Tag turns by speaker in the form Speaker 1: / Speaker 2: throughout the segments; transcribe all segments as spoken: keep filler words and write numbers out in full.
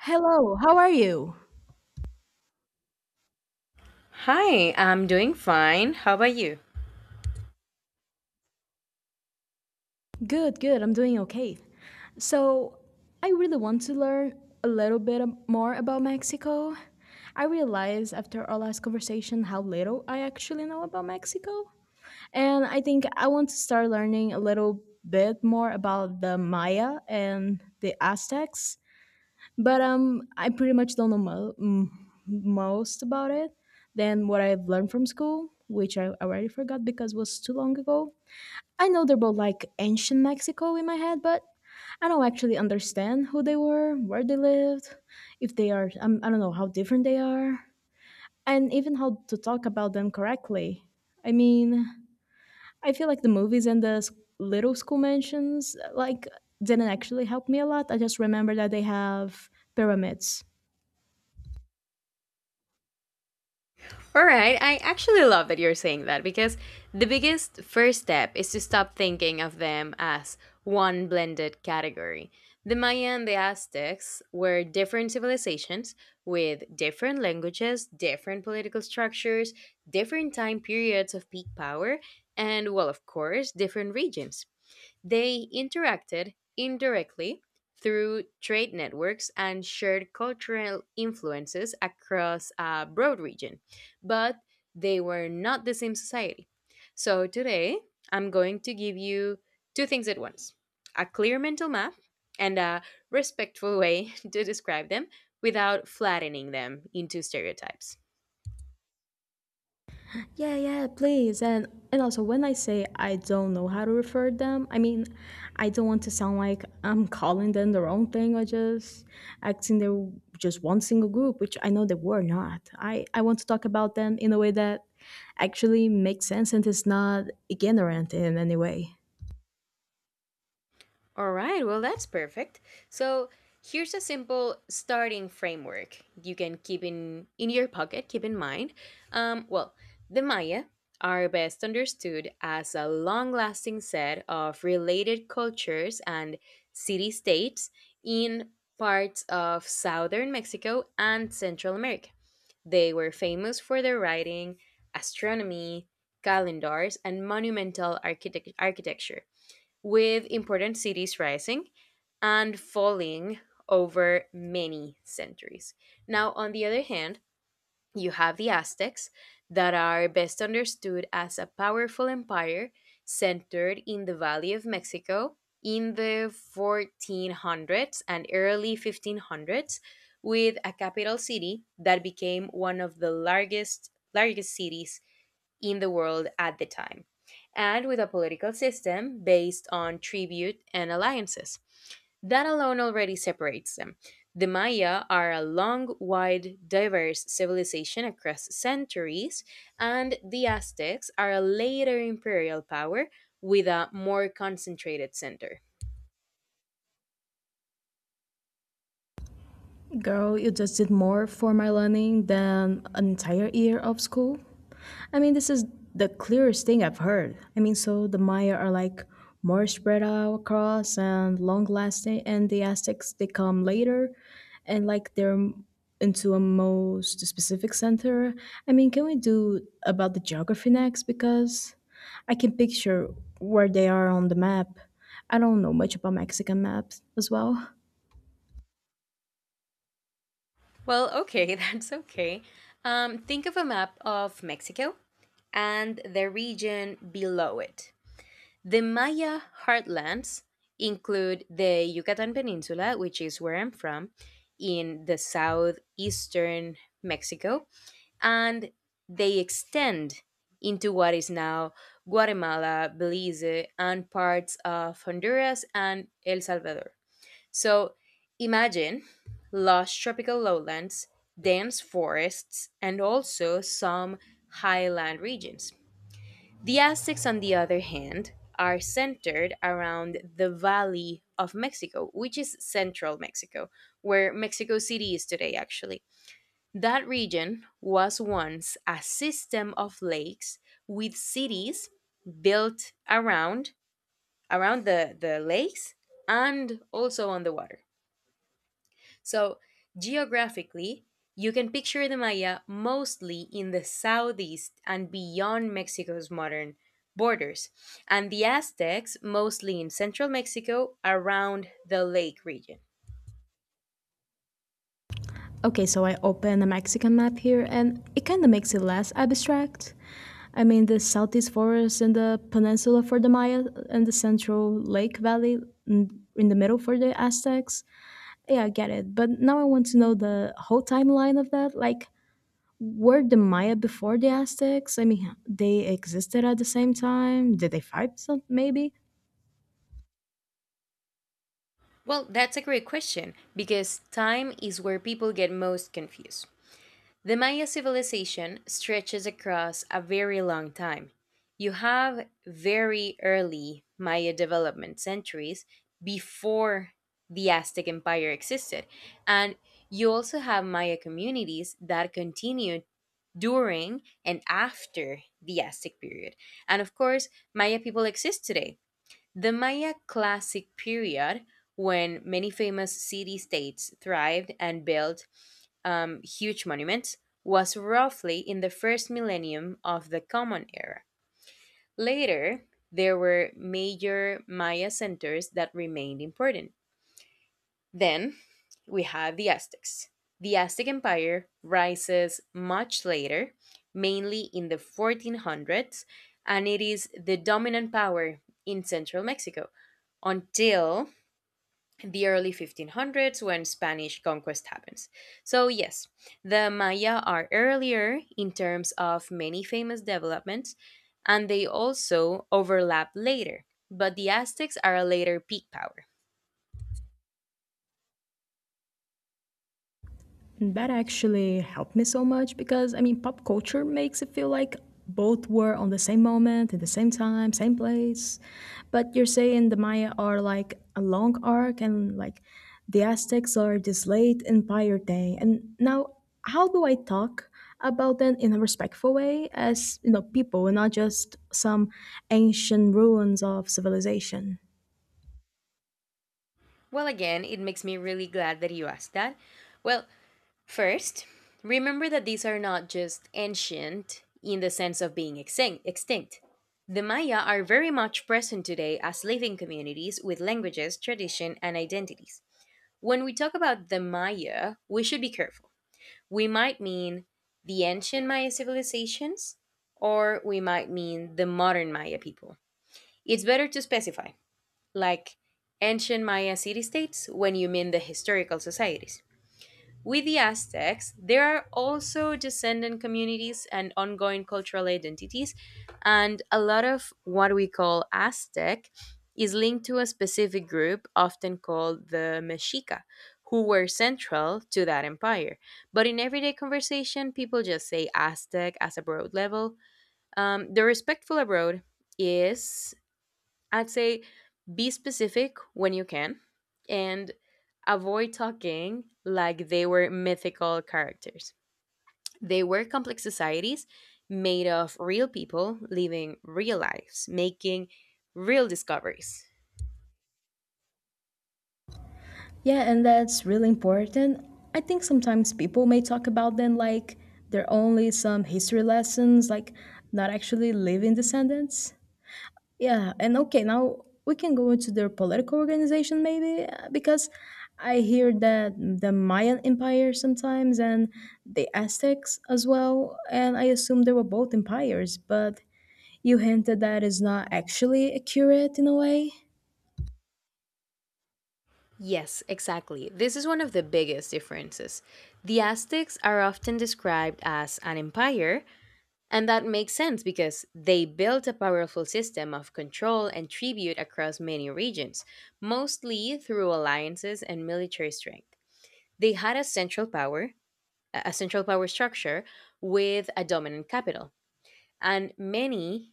Speaker 1: Hello, how are you?
Speaker 2: Hi, I'm doing fine. How about you?
Speaker 1: Good, good, I'm doing okay. So, I really want to learn a little bit ab- more about Mexico. I realized after our last conversation how little I actually know about Mexico. And I think I want to start learning a little bit more about the Maya and the Aztecs. But um, I pretty much don't know mo- m- most about it than what I've learned from school, which I already forgot because it was too long ago. I know they're both like ancient Mexico in my head, but I don't actually understand who they were, where they lived, if they are, um, I don't know how different they are, and even how to talk about them correctly. I mean, I feel like the movies and the s- little school mansions, like, didn't actually help me a lot. I just remember that they have pyramids.
Speaker 2: All right, I actually love that you're saying that because the biggest first step is to stop thinking of them as one blended category. The Maya and the Aztecs were different civilizations with different languages, different political structures, different time periods of peak power, and, well, of course, different regions. They interacted indirectly through trade networks and shared cultural influences across a broad region, but they were not the same society. So today, I'm going to give you two things at once: a clear mental map and a respectful way to describe them without flattening them into stereotypes.
Speaker 1: Yeah, yeah, please. And and also when I say I don't know how to refer them, I mean I don't want to sound like I'm calling them the wrong thing or just acting they're just one single group, which I know they were not. I, I want to talk about them in a way that actually makes sense and is not ignorant in any way.
Speaker 2: All right, well, that's perfect. So here's a simple starting framework you can keep in, in your pocket, keep in mind. Um, well, the Maya are best understood as a long lasting set of related cultures and city states in parts of southern Mexico and Central America. They were famous for their writing, astronomy, calendars, and monumental architect- architecture with important cities rising and falling over many centuries. Now, on the other hand, you have the Aztecs that are best understood as a powerful empire centered in the Valley of Mexico in the fourteen hundreds and early fifteen hundreds, with a capital city that became one of the largest largest cities in the world at the time, and with a political system based on tribute and alliances. That alone already separates them. The Maya are a long, wide, diverse civilization across centuries, and the Aztecs are a later imperial power with a more concentrated center.
Speaker 1: Girl, you just did more for my learning than an entire year of school. I mean, this is the clearest thing I've heard. I mean, so the Maya are like more spread out across and long lasting, and the Aztecs they come later, and like they're m- into a most specific center. I mean, can we do about the geography next? Because I can picture where they are on the map. I don't know much about Mexican maps as well.
Speaker 2: Well, okay, that's okay. Um, think of a map of Mexico and the region below it. The Maya heartlands include the Yucatan Peninsula, which is where I'm from, in the southeastern Mexico, and they extend into what is now Guatemala, Belize, and parts of Honduras and El Salvador. So imagine lush tropical lowlands, dense forests, and also some highland regions. The Aztecs, on the other hand, are centered around the Valley of Mexico, which is central Mexico, where Mexico City is today, actually. That region was once a system of lakes with cities built around around the, the lakes and also on the water. So, geographically, you can picture the Maya mostly in the southeast and beyond Mexico's modern borders, and the Aztecs mostly in central Mexico around the lake region.
Speaker 1: Okay, so I open the Mexican map here, and it kind of makes it less abstract. I mean, the southeast forest and the peninsula for the Maya, and the central lake valley in in the middle for the Aztecs. Yeah, I get it. But now I want to know the whole timeline of that. Like, were the Maya before the Aztecs? I mean, they existed at the same time. Did they fight some? Maybe.
Speaker 2: Well, that's a great question because time is where people get most confused. The Maya civilization stretches across a very long time. You have very early Maya development centuries before the Aztec Empire existed. And you also have Maya communities that continued during and after the Aztec period. And of course, Maya people exist today. The Maya classic period, when many famous city states thrived and built um, huge monuments, was roughly in the first millennium of the Common Era. Later, there were major Maya centers that remained important. Then we have the Aztecs. The Aztec Empire rises much later, mainly in the fourteen hundreds, and it is the dominant power in central Mexico until the early fifteen hundreds when Spanish conquest happens. So, yes, the Maya are earlier in terms of many famous developments, and they also overlap later, but the Aztecs are a later peak power.
Speaker 1: And that actually helped me so much because I mean, pop culture makes it feel like both were on the same moment, at the same time, same place. But you're saying the Maya are like a long arc and like the Aztecs are this late empire thing. And now, how do I talk about them in a respectful way as, you know, people and not just some ancient ruins of civilization?
Speaker 2: Well, again, it makes me really glad that you asked that. Well, first, remember that these are not just ancient in the sense of being extin- extinct. The Maya are very much present today as living communities with languages, tradition, and identities. When we talk about the Maya, we should be careful. We might mean the ancient Maya civilizations, or we might mean the modern Maya people. It's better to specify, like ancient Maya city states, when you mean the historical societies. With the Aztecs, there are also descendant communities and ongoing cultural identities, and a lot of what we call Aztec is linked to a specific group, often called the Mexica, who were central to that empire. But in everyday conversation, people just say Aztec as a broad level. Um, the respectful abroad is, I'd say, be specific when you can and avoid talking like they were mythical characters. They were complex societies made of real people living real lives, making real discoveries.
Speaker 1: Yeah, and that's really important. I think sometimes people may talk about them like they're only some history lessons, like not actually living descendants. Yeah, and okay, now we can go into their political organization maybe, uh, because I hear that the Mayan Empire sometimes and the Aztecs as well, and I assume they were both empires, but you hinted that is not actually accurate in a way.
Speaker 2: Yes, exactly. This is one of the biggest differences. The Aztecs are often described as an empire, and that makes sense because they built a powerful system of control and tribute across many regions, mostly through alliances and military strength. They had a central power, a central power structure with a dominant capital, and many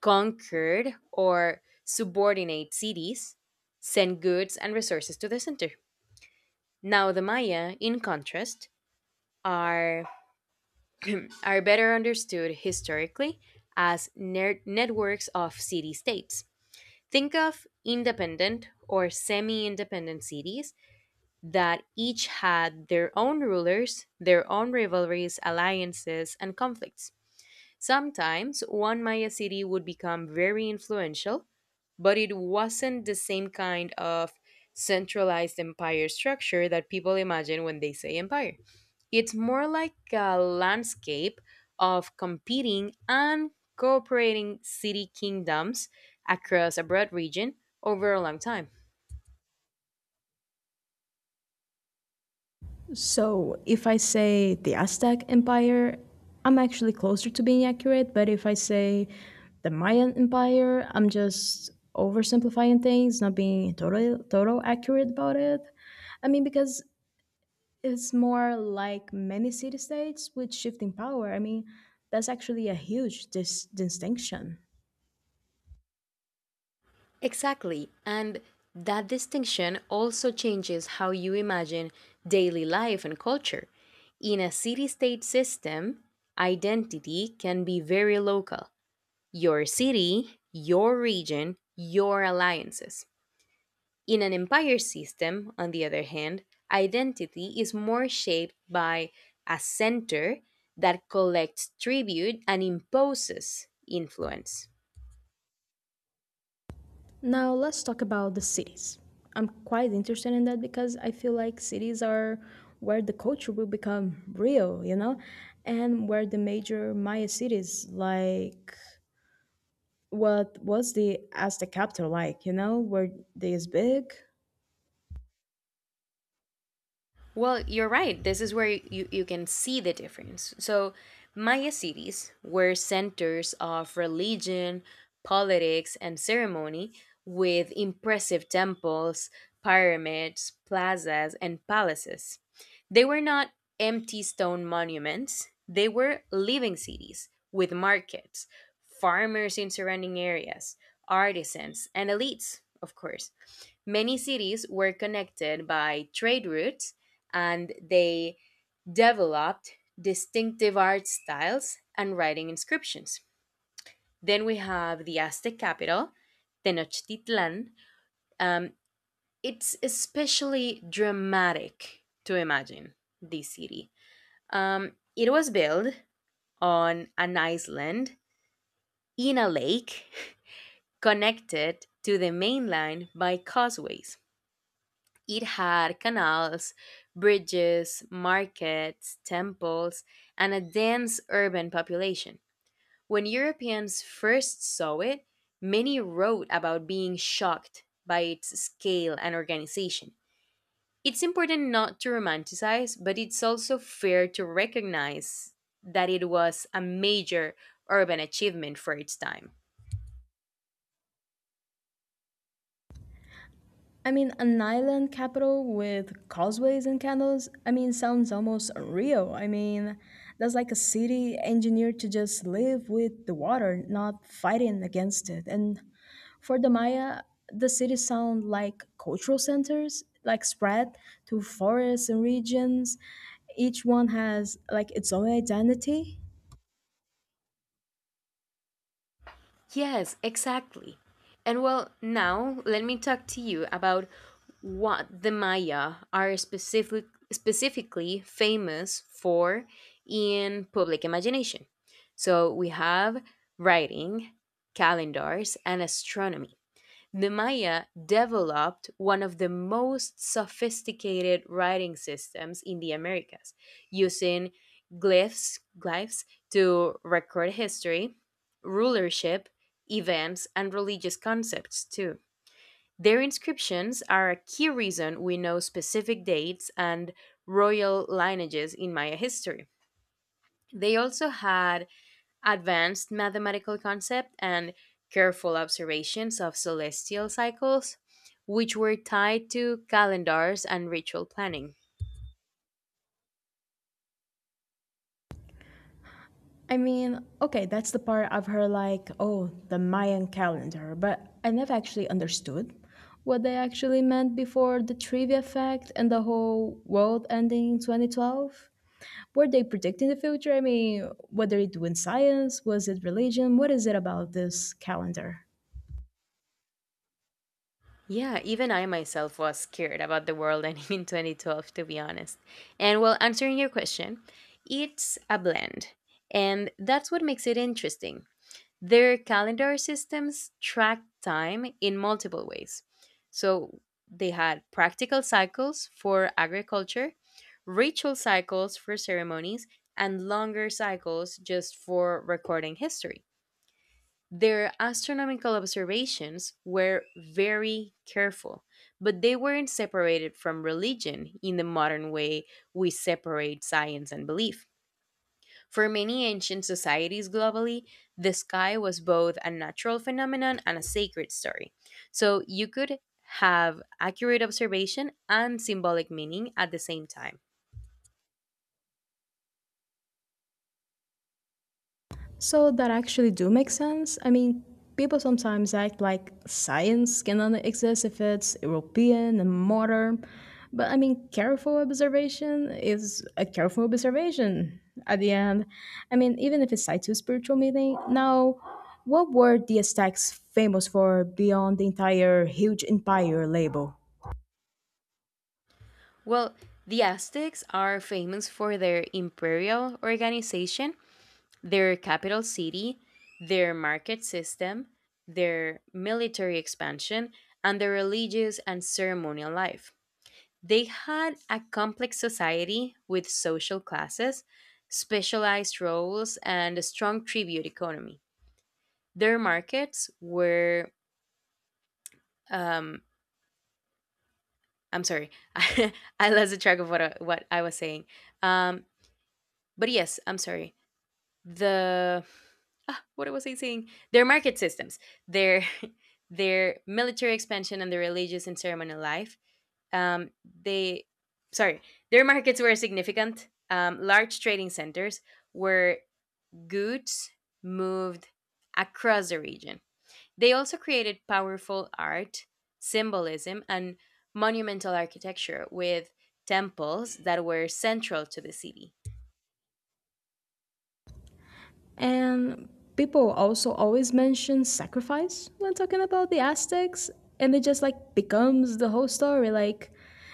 Speaker 2: conquered or subordinate cities sent goods and resources to the center. Now, the Maya, in contrast, are are better understood historically as ner- networks of city states. Think of independent or semi independent cities that each had their own rulers, their own rivalries, alliances, and conflicts. Sometimes one Maya city would become very influential, but it wasn't the same kind of centralized empire structure that people imagine when they say empire. It's more like a landscape of competing and cooperating city kingdoms across a broad region over a long time.
Speaker 1: So if I say the Aztec Empire, I'm actually closer to being accurate. But if I say the Mayan Empire, I'm just oversimplifying things, not being total total accurate about it. I mean, because it's more like many city states with shifting power. I mean, that's actually a huge dis- distinction.
Speaker 2: Exactly. And that distinction also changes how you imagine daily life and culture. In a city state system, identity can be very local: your city, your region, your alliances. In an empire system, on the other hand, identity is more shaped by a center that collects tribute and imposes influence.
Speaker 1: Now let's talk about the cities. I'm quite interested in that because I feel like cities are where the culture will become real, you know, and where the major Maya cities like what was the Aztec capital like, you know, were they as big?
Speaker 2: Well, you're right. This is where you, you can see the difference. So, Maya cities were centers of religion, politics, and ceremony with impressive temples, pyramids, plazas, and palaces. They were not empty stone monuments, they were living cities with markets, farmers in surrounding areas, artisans, and elites, of course. Many cities were connected by trade routes, and they developed distinctive art styles and writing inscriptions. Then we have the Aztec capital, Tenochtitlan. Um, it's especially dramatic to imagine this city. Um, it was built on an island in a lake connected to the mainland by causeways. It had canals, bridges, markets, temples, and a dense urban population. When Europeans first saw it, many wrote about being shocked by its scale and organization. It's important not to romanticize, but it's also fair to recognize that it was a major urban achievement for its time.
Speaker 1: I mean, an island capital with causeways and canals, I mean, sounds almost real. I mean, that's like a city engineered to just live with the water, not fighting against it. And for the Maya, the cities sound like cultural centers, like spread to forests and regions. Each one has like its own identity.
Speaker 2: Yes, exactly. And well, now let me talk to you about what the Maya are specific, specifically famous for in public imagination. So we have writing, calendars, and astronomy. The Maya developed one of the most sophisticated writing systems in the Americas, using glyphs, glyphs to record history, rulership, events, and religious concepts too. Their inscriptions are a key reason we know specific dates and royal lineages in Maya history. They also had advanced mathematical concept and careful observations of celestial cycles, which were tied to calendars and ritual planning.
Speaker 1: I mean, okay, that's the part I've heard like, oh, the Mayan calendar, but I never actually understood what they actually meant before the trivia fact and the whole world ending in twenty twelve. Were they predicting the future? I mean, what are they doing science? Was it religion? What is it about this calendar?
Speaker 2: Yeah, even I myself was scared about the world ending in twenty twelve, to be honest. And well, answering your question, it's a blend. And that's what makes it interesting. Their calendar systems track time in multiple ways. So they had practical cycles for agriculture, ritual cycles for ceremonies, and longer cycles just for recording history. Their astronomical observations were very careful, but they weren't separated from religion in the modern way we separate science and belief. For many ancient societies globally, the sky was both a natural phenomenon and a sacred story. So you could have accurate observation and symbolic meaning at the same time.
Speaker 1: So that actually do make sense. I mean, people sometimes act like science cannot exist if it's European and modern. But I mean, careful observation is a careful observation at the end. I mean, even if it's tied to a spiritual meaning. Now, what were the Aztecs famous for beyond the entire huge empire label?
Speaker 2: Well, the Aztecs are famous for their imperial organization, their capital city, their market system, their military expansion, and their religious and ceremonial life. They had a complex society with social classes, specialized roles, and a strong tribute economy. Their markets were. Um, I'm sorry, I lost the track of what I, what I was saying. Um, but yes, I'm sorry. The ah, what was I saying? Their market systems, their their military expansion, and their religious and ceremonial life, um, they, sorry, their markets were significant, um, large trading centers where goods moved across the region. They also created powerful art, symbolism, and monumental architecture with temples that were central to the city.
Speaker 1: And people also always mention sacrifice when talking about the Aztecs, and it just like becomes the whole story. Like,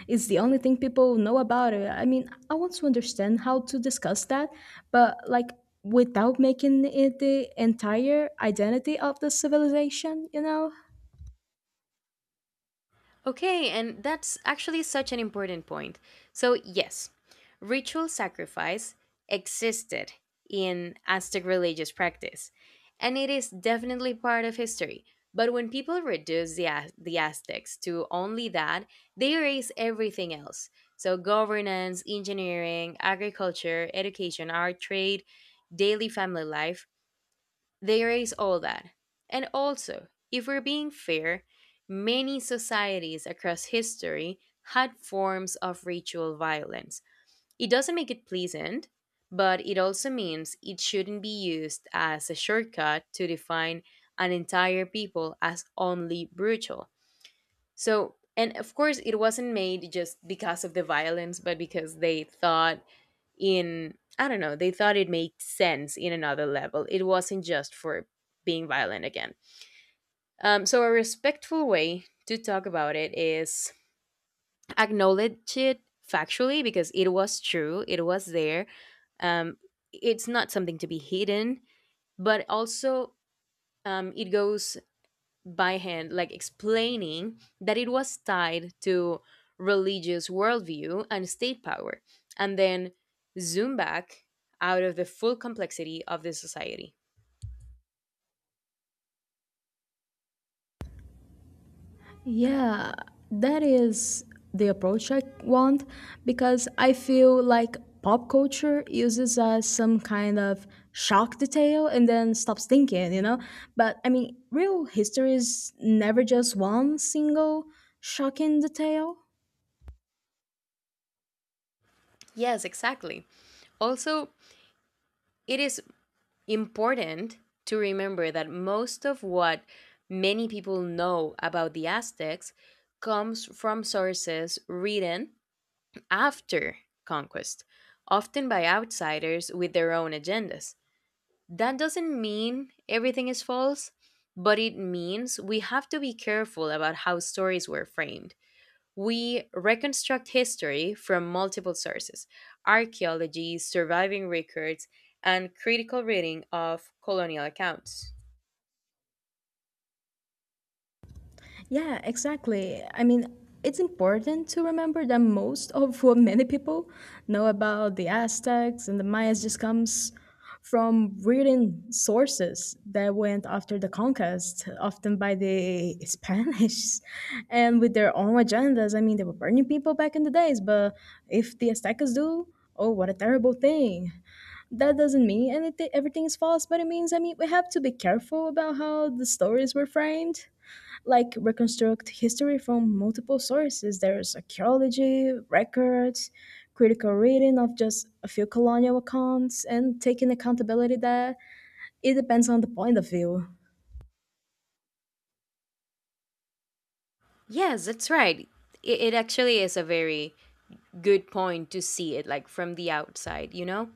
Speaker 1: it's the only thing people know about it. I mean, I want to understand how to discuss that, but like without making it the entire identity of the civilization, you know?
Speaker 2: Okay, and that's actually such an important point. So, yes, ritual sacrifice existed in Aztec religious practice, and it is definitely part of history. But when people reduce the, Az- the Aztecs to only that, they erase everything else. So, governance, engineering, agriculture, education, art, trade, daily family life, they erase all that. And also, if we're being fair, many societies across history had forms of ritual violence. It doesn't make it pleasant, but it also means it shouldn't be used as a shortcut to define an entire people as only brutal. So, and of course, it wasn't made just because of the violence, but because they thought in, I don't know, they thought it made sense in another level. It wasn't just for being violent again. Um, so, a respectful way to talk about it is acknowledge it factually because it was true, it was there. Um, it's not something to be hidden, but also um, it goes by hand, like explaining that it was tied to religious worldview and state power, and then zoom back out of the full complexity of the society.
Speaker 1: Yeah, that is the approach I want because I feel like pop culture uses as some kind of shock detail and then stops thinking, you know? But I mean, real history is never just one single shocking detail.
Speaker 2: Yes, exactly. Also, it is important to remember that most of what many people know about the Aztecs comes from sources written after conquest, often by outsiders with their own agendas. That doesn't mean everything is false, but it means we have to be careful about how stories were framed. We reconstruct history from multiple sources: archaeology, surviving records, and critical reading of colonial accounts.
Speaker 1: Yeah, exactly. I mean, it's important to remember that most of what many people know about the Aztecs and the Mayas just comes from reading sources that went after the conquest, often by the Spanish, and with their own agendas. I mean, they were burning people back in the days, but if the Aztecas do, oh, what a terrible thing. That doesn't mean anything, everything is false, but it means, I mean, we have to be careful about how the stories were framed like reconstruct history from multiple sources. There's archaeology, records, critical reading of just a few colonial accounts, and taking accountability that it depends on the point of view.
Speaker 2: Yes, that's right. It, it actually is a very good point to see it like from the outside, you know?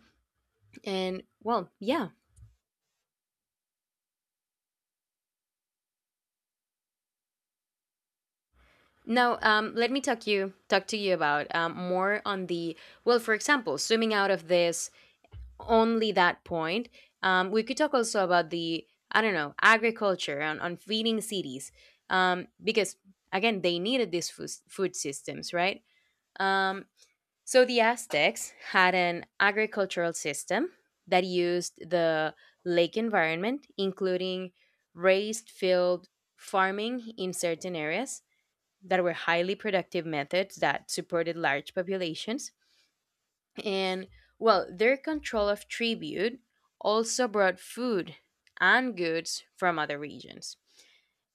Speaker 2: And well, yeah. Now, um, let me talk you talk to you about um, more on the well. For example, zooming out of this only that point, um, we could talk also about the, I don't know, agriculture on, on feeding cities, um, because again they needed these food, food systems, right? Um, so the Aztecs had an agricultural system that used the lake environment, including raised field farming in certain areas that were highly productive methods that supported large populations. And well, their control of tribute also brought food and goods from other regions.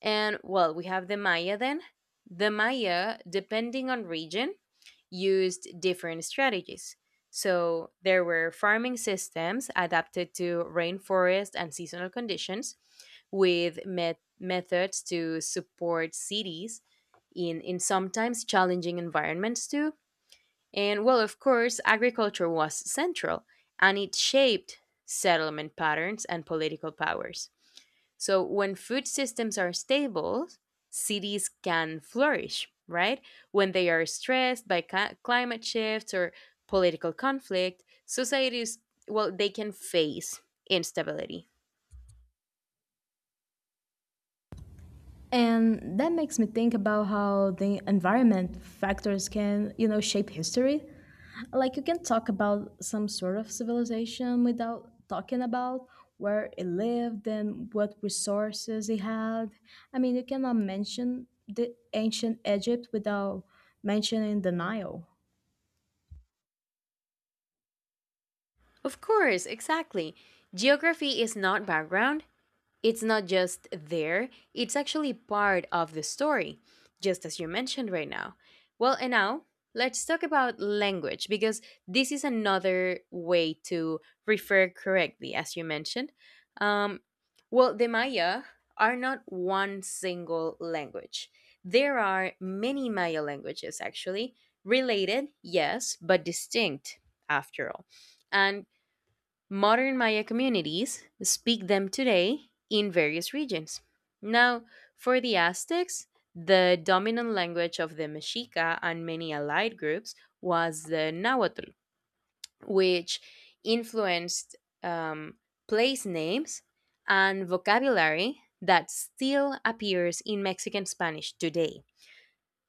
Speaker 2: And well, we have the Maya then. The Maya, depending on region, used different strategies. So there were farming systems adapted to rainforest and seasonal conditions with met- methods to support cities in, in sometimes challenging environments too. And well, of course, agriculture was central and it shaped settlement patterns and political powers. So when food systems are stable, cities can flourish, right? When they are stressed by ca- climate shifts or political conflict, societies, well, they can face instability.
Speaker 1: And that makes me think about how the environment factors can, you know, shape history. Like you can talk about some sort of civilization without talking about where it lived and what resources it had. I mean, you cannot mention the ancient Egypt without mentioning the Nile.
Speaker 2: Of course, exactly. Geography is not background. It's not just there, it's actually part of the story, just as you mentioned right now. Well, and now let's talk about language because this is another way to refer correctly, as you mentioned. Um, well, the Maya are not one single language. There are many Maya languages, actually, related, yes, but distinct, after all. And modern Maya communities speak them today in various regions. Now, for the Aztecs, the dominant language of the Mexica and many allied groups was the Nahuatl, which influenced um, place names and vocabulary that still appears in Mexican Spanish today.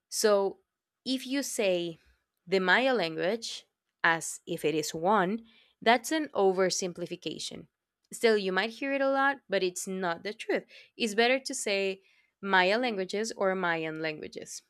Speaker 2: So if you say the Maya language as if it is one, that's an oversimplification. Still, you might hear it a lot, but it's not the truth. It's better to say Maya languages or Mayan languages.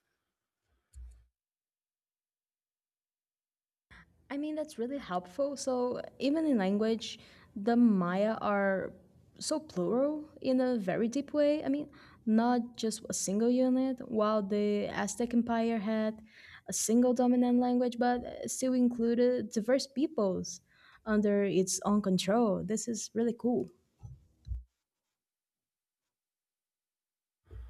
Speaker 1: I mean, that's really helpful. So, even in language, the Maya are so plural in a very deep way. I mean, not just a single unit, while the Aztec Empire had a single dominant language, but still included diverse peoples under its own control. This is really cool.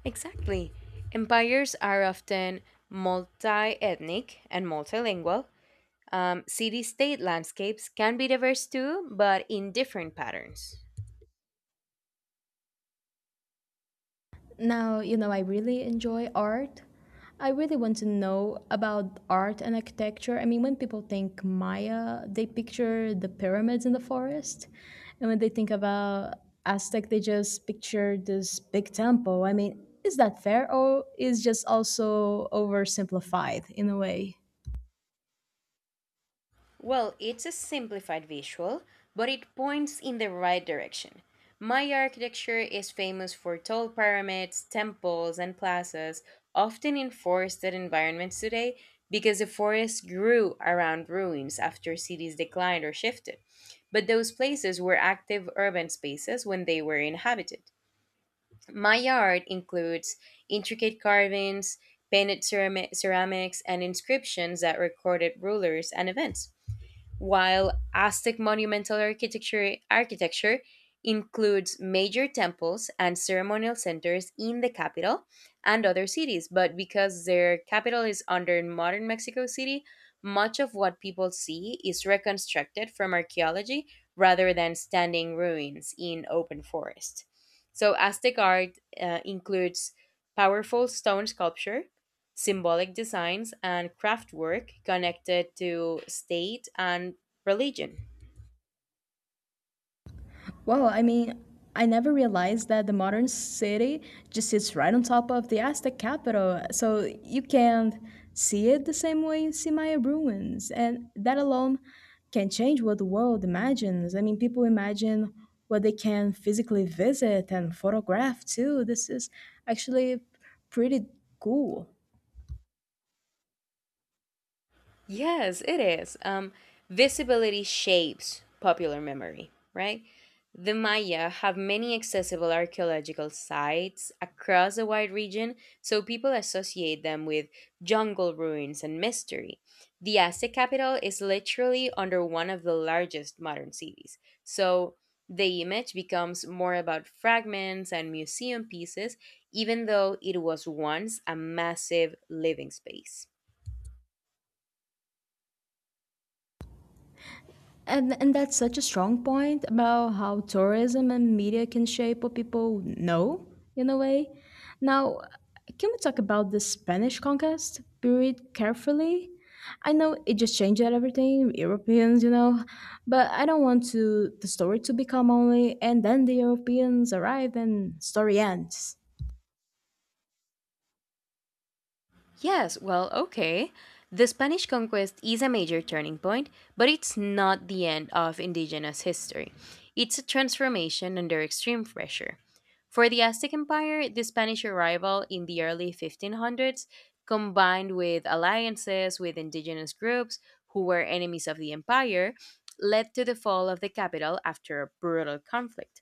Speaker 2: Exactly. Empires are often multi ethnic and multilingual. Um, City state landscapes can be diverse too, but in different patterns.
Speaker 1: Now, you know, I really enjoy art. I really want to know about art and architecture. I mean, when people think Maya, they picture the pyramids in the forest. And when they think about Aztec, they just picture this big temple. I mean, is that fair or is just also oversimplified in a way?
Speaker 2: Well, it's a simplified visual, but it points in the right direction. Maya architecture is famous for tall pyramids, temples, and plazas, often in forested environments today because the forests grew around ruins after cities declined or shifted. But those places were active urban spaces when they were inhabited. Maya art includes intricate carvings, painted cerami- ceramics, and inscriptions that recorded rulers and events. While Aztec monumental architecture, architecture includes major temples and ceremonial centers in the capital and other cities, but because their capital is under modern Mexico City, much of what people see is reconstructed from archaeology rather than standing ruins in open forest. So, Aztec art uh, includes powerful stone sculpture, symbolic designs, and craftwork connected to state and religion.
Speaker 1: Well, I mean, I never realized that the modern city just sits right on top of the Aztec capital, so you can't see it the same way you see Maya ruins. And that alone can change what the world imagines. I mean, people imagine what they can physically visit and photograph too. This is actually pretty cool.
Speaker 2: Yes, it is. Um, visibility shapes popular memory, right? The Maya have many accessible archaeological sites across a wide region, so people associate them with jungle ruins and mystery. The Aztec capital is literally under one of the largest modern cities, so the image becomes more about fragments and museum pieces, even though it was once a massive living space.
Speaker 1: And, and that's such a strong point about how tourism and media can shape what people know in a way. Now, can we talk about the Spanish conquest period carefully? I know it just changed everything, Europeans, you know, but I don't want to the story to become only and then the Europeans arrive and story ends.
Speaker 2: Yes, well, okay. The Spanish conquest is a major turning point, but it's not the end of indigenous history. It's a transformation under extreme pressure. For the Aztec Empire, the Spanish arrival in the early fifteen hundreds, combined with alliances with indigenous groups who were enemies of the empire, led to the fall of the capital after a brutal conflict.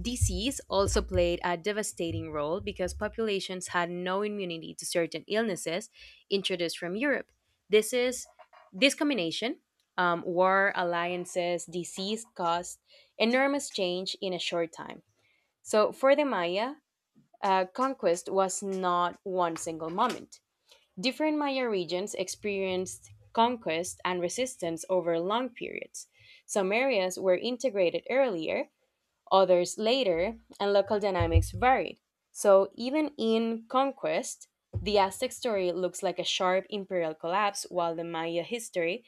Speaker 2: Disease also played a devastating role because populations had no immunity to certain illnesses introduced from Europe. This is this combination, um, war, alliances, disease caused enormous change in a short time. So for the Maya, uh, conquest was not one single moment. Different Maya regions experienced conquest and resistance over long periods. Some areas were integrated earlier, others later, and local dynamics varied. So, even in conquest, the Aztec story looks like a sharp imperial collapse, while the Maya history,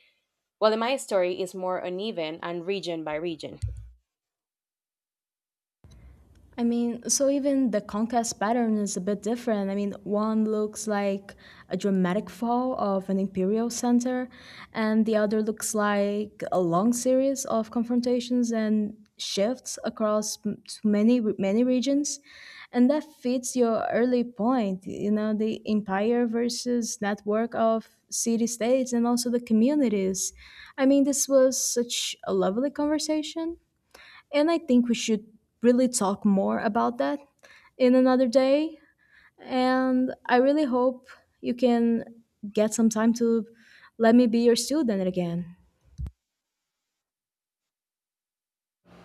Speaker 2: while the Maya story is more uneven and region by region.
Speaker 1: I mean, so even the concave pattern is a bit different. I mean, one looks like a dramatic fall of an imperial center, and the other looks like a long series of confrontations and shifts across m- to many many regions. And that fits your early point, you know, the empire versus network of city states and also the communities. I mean, this was such a lovely conversation. And I think we should really talk more about that in another day. And I really hope you can get some time to let me be your student again.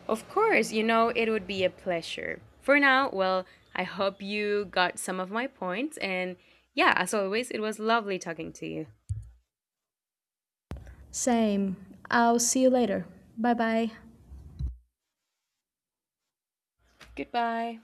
Speaker 2: Of course, you know it would be a pleasure. For now, well, I hope you got some of my points and, yeah, as always, it was lovely talking to you.
Speaker 1: Same. I'll see you later. Bye bye.
Speaker 2: Goodbye.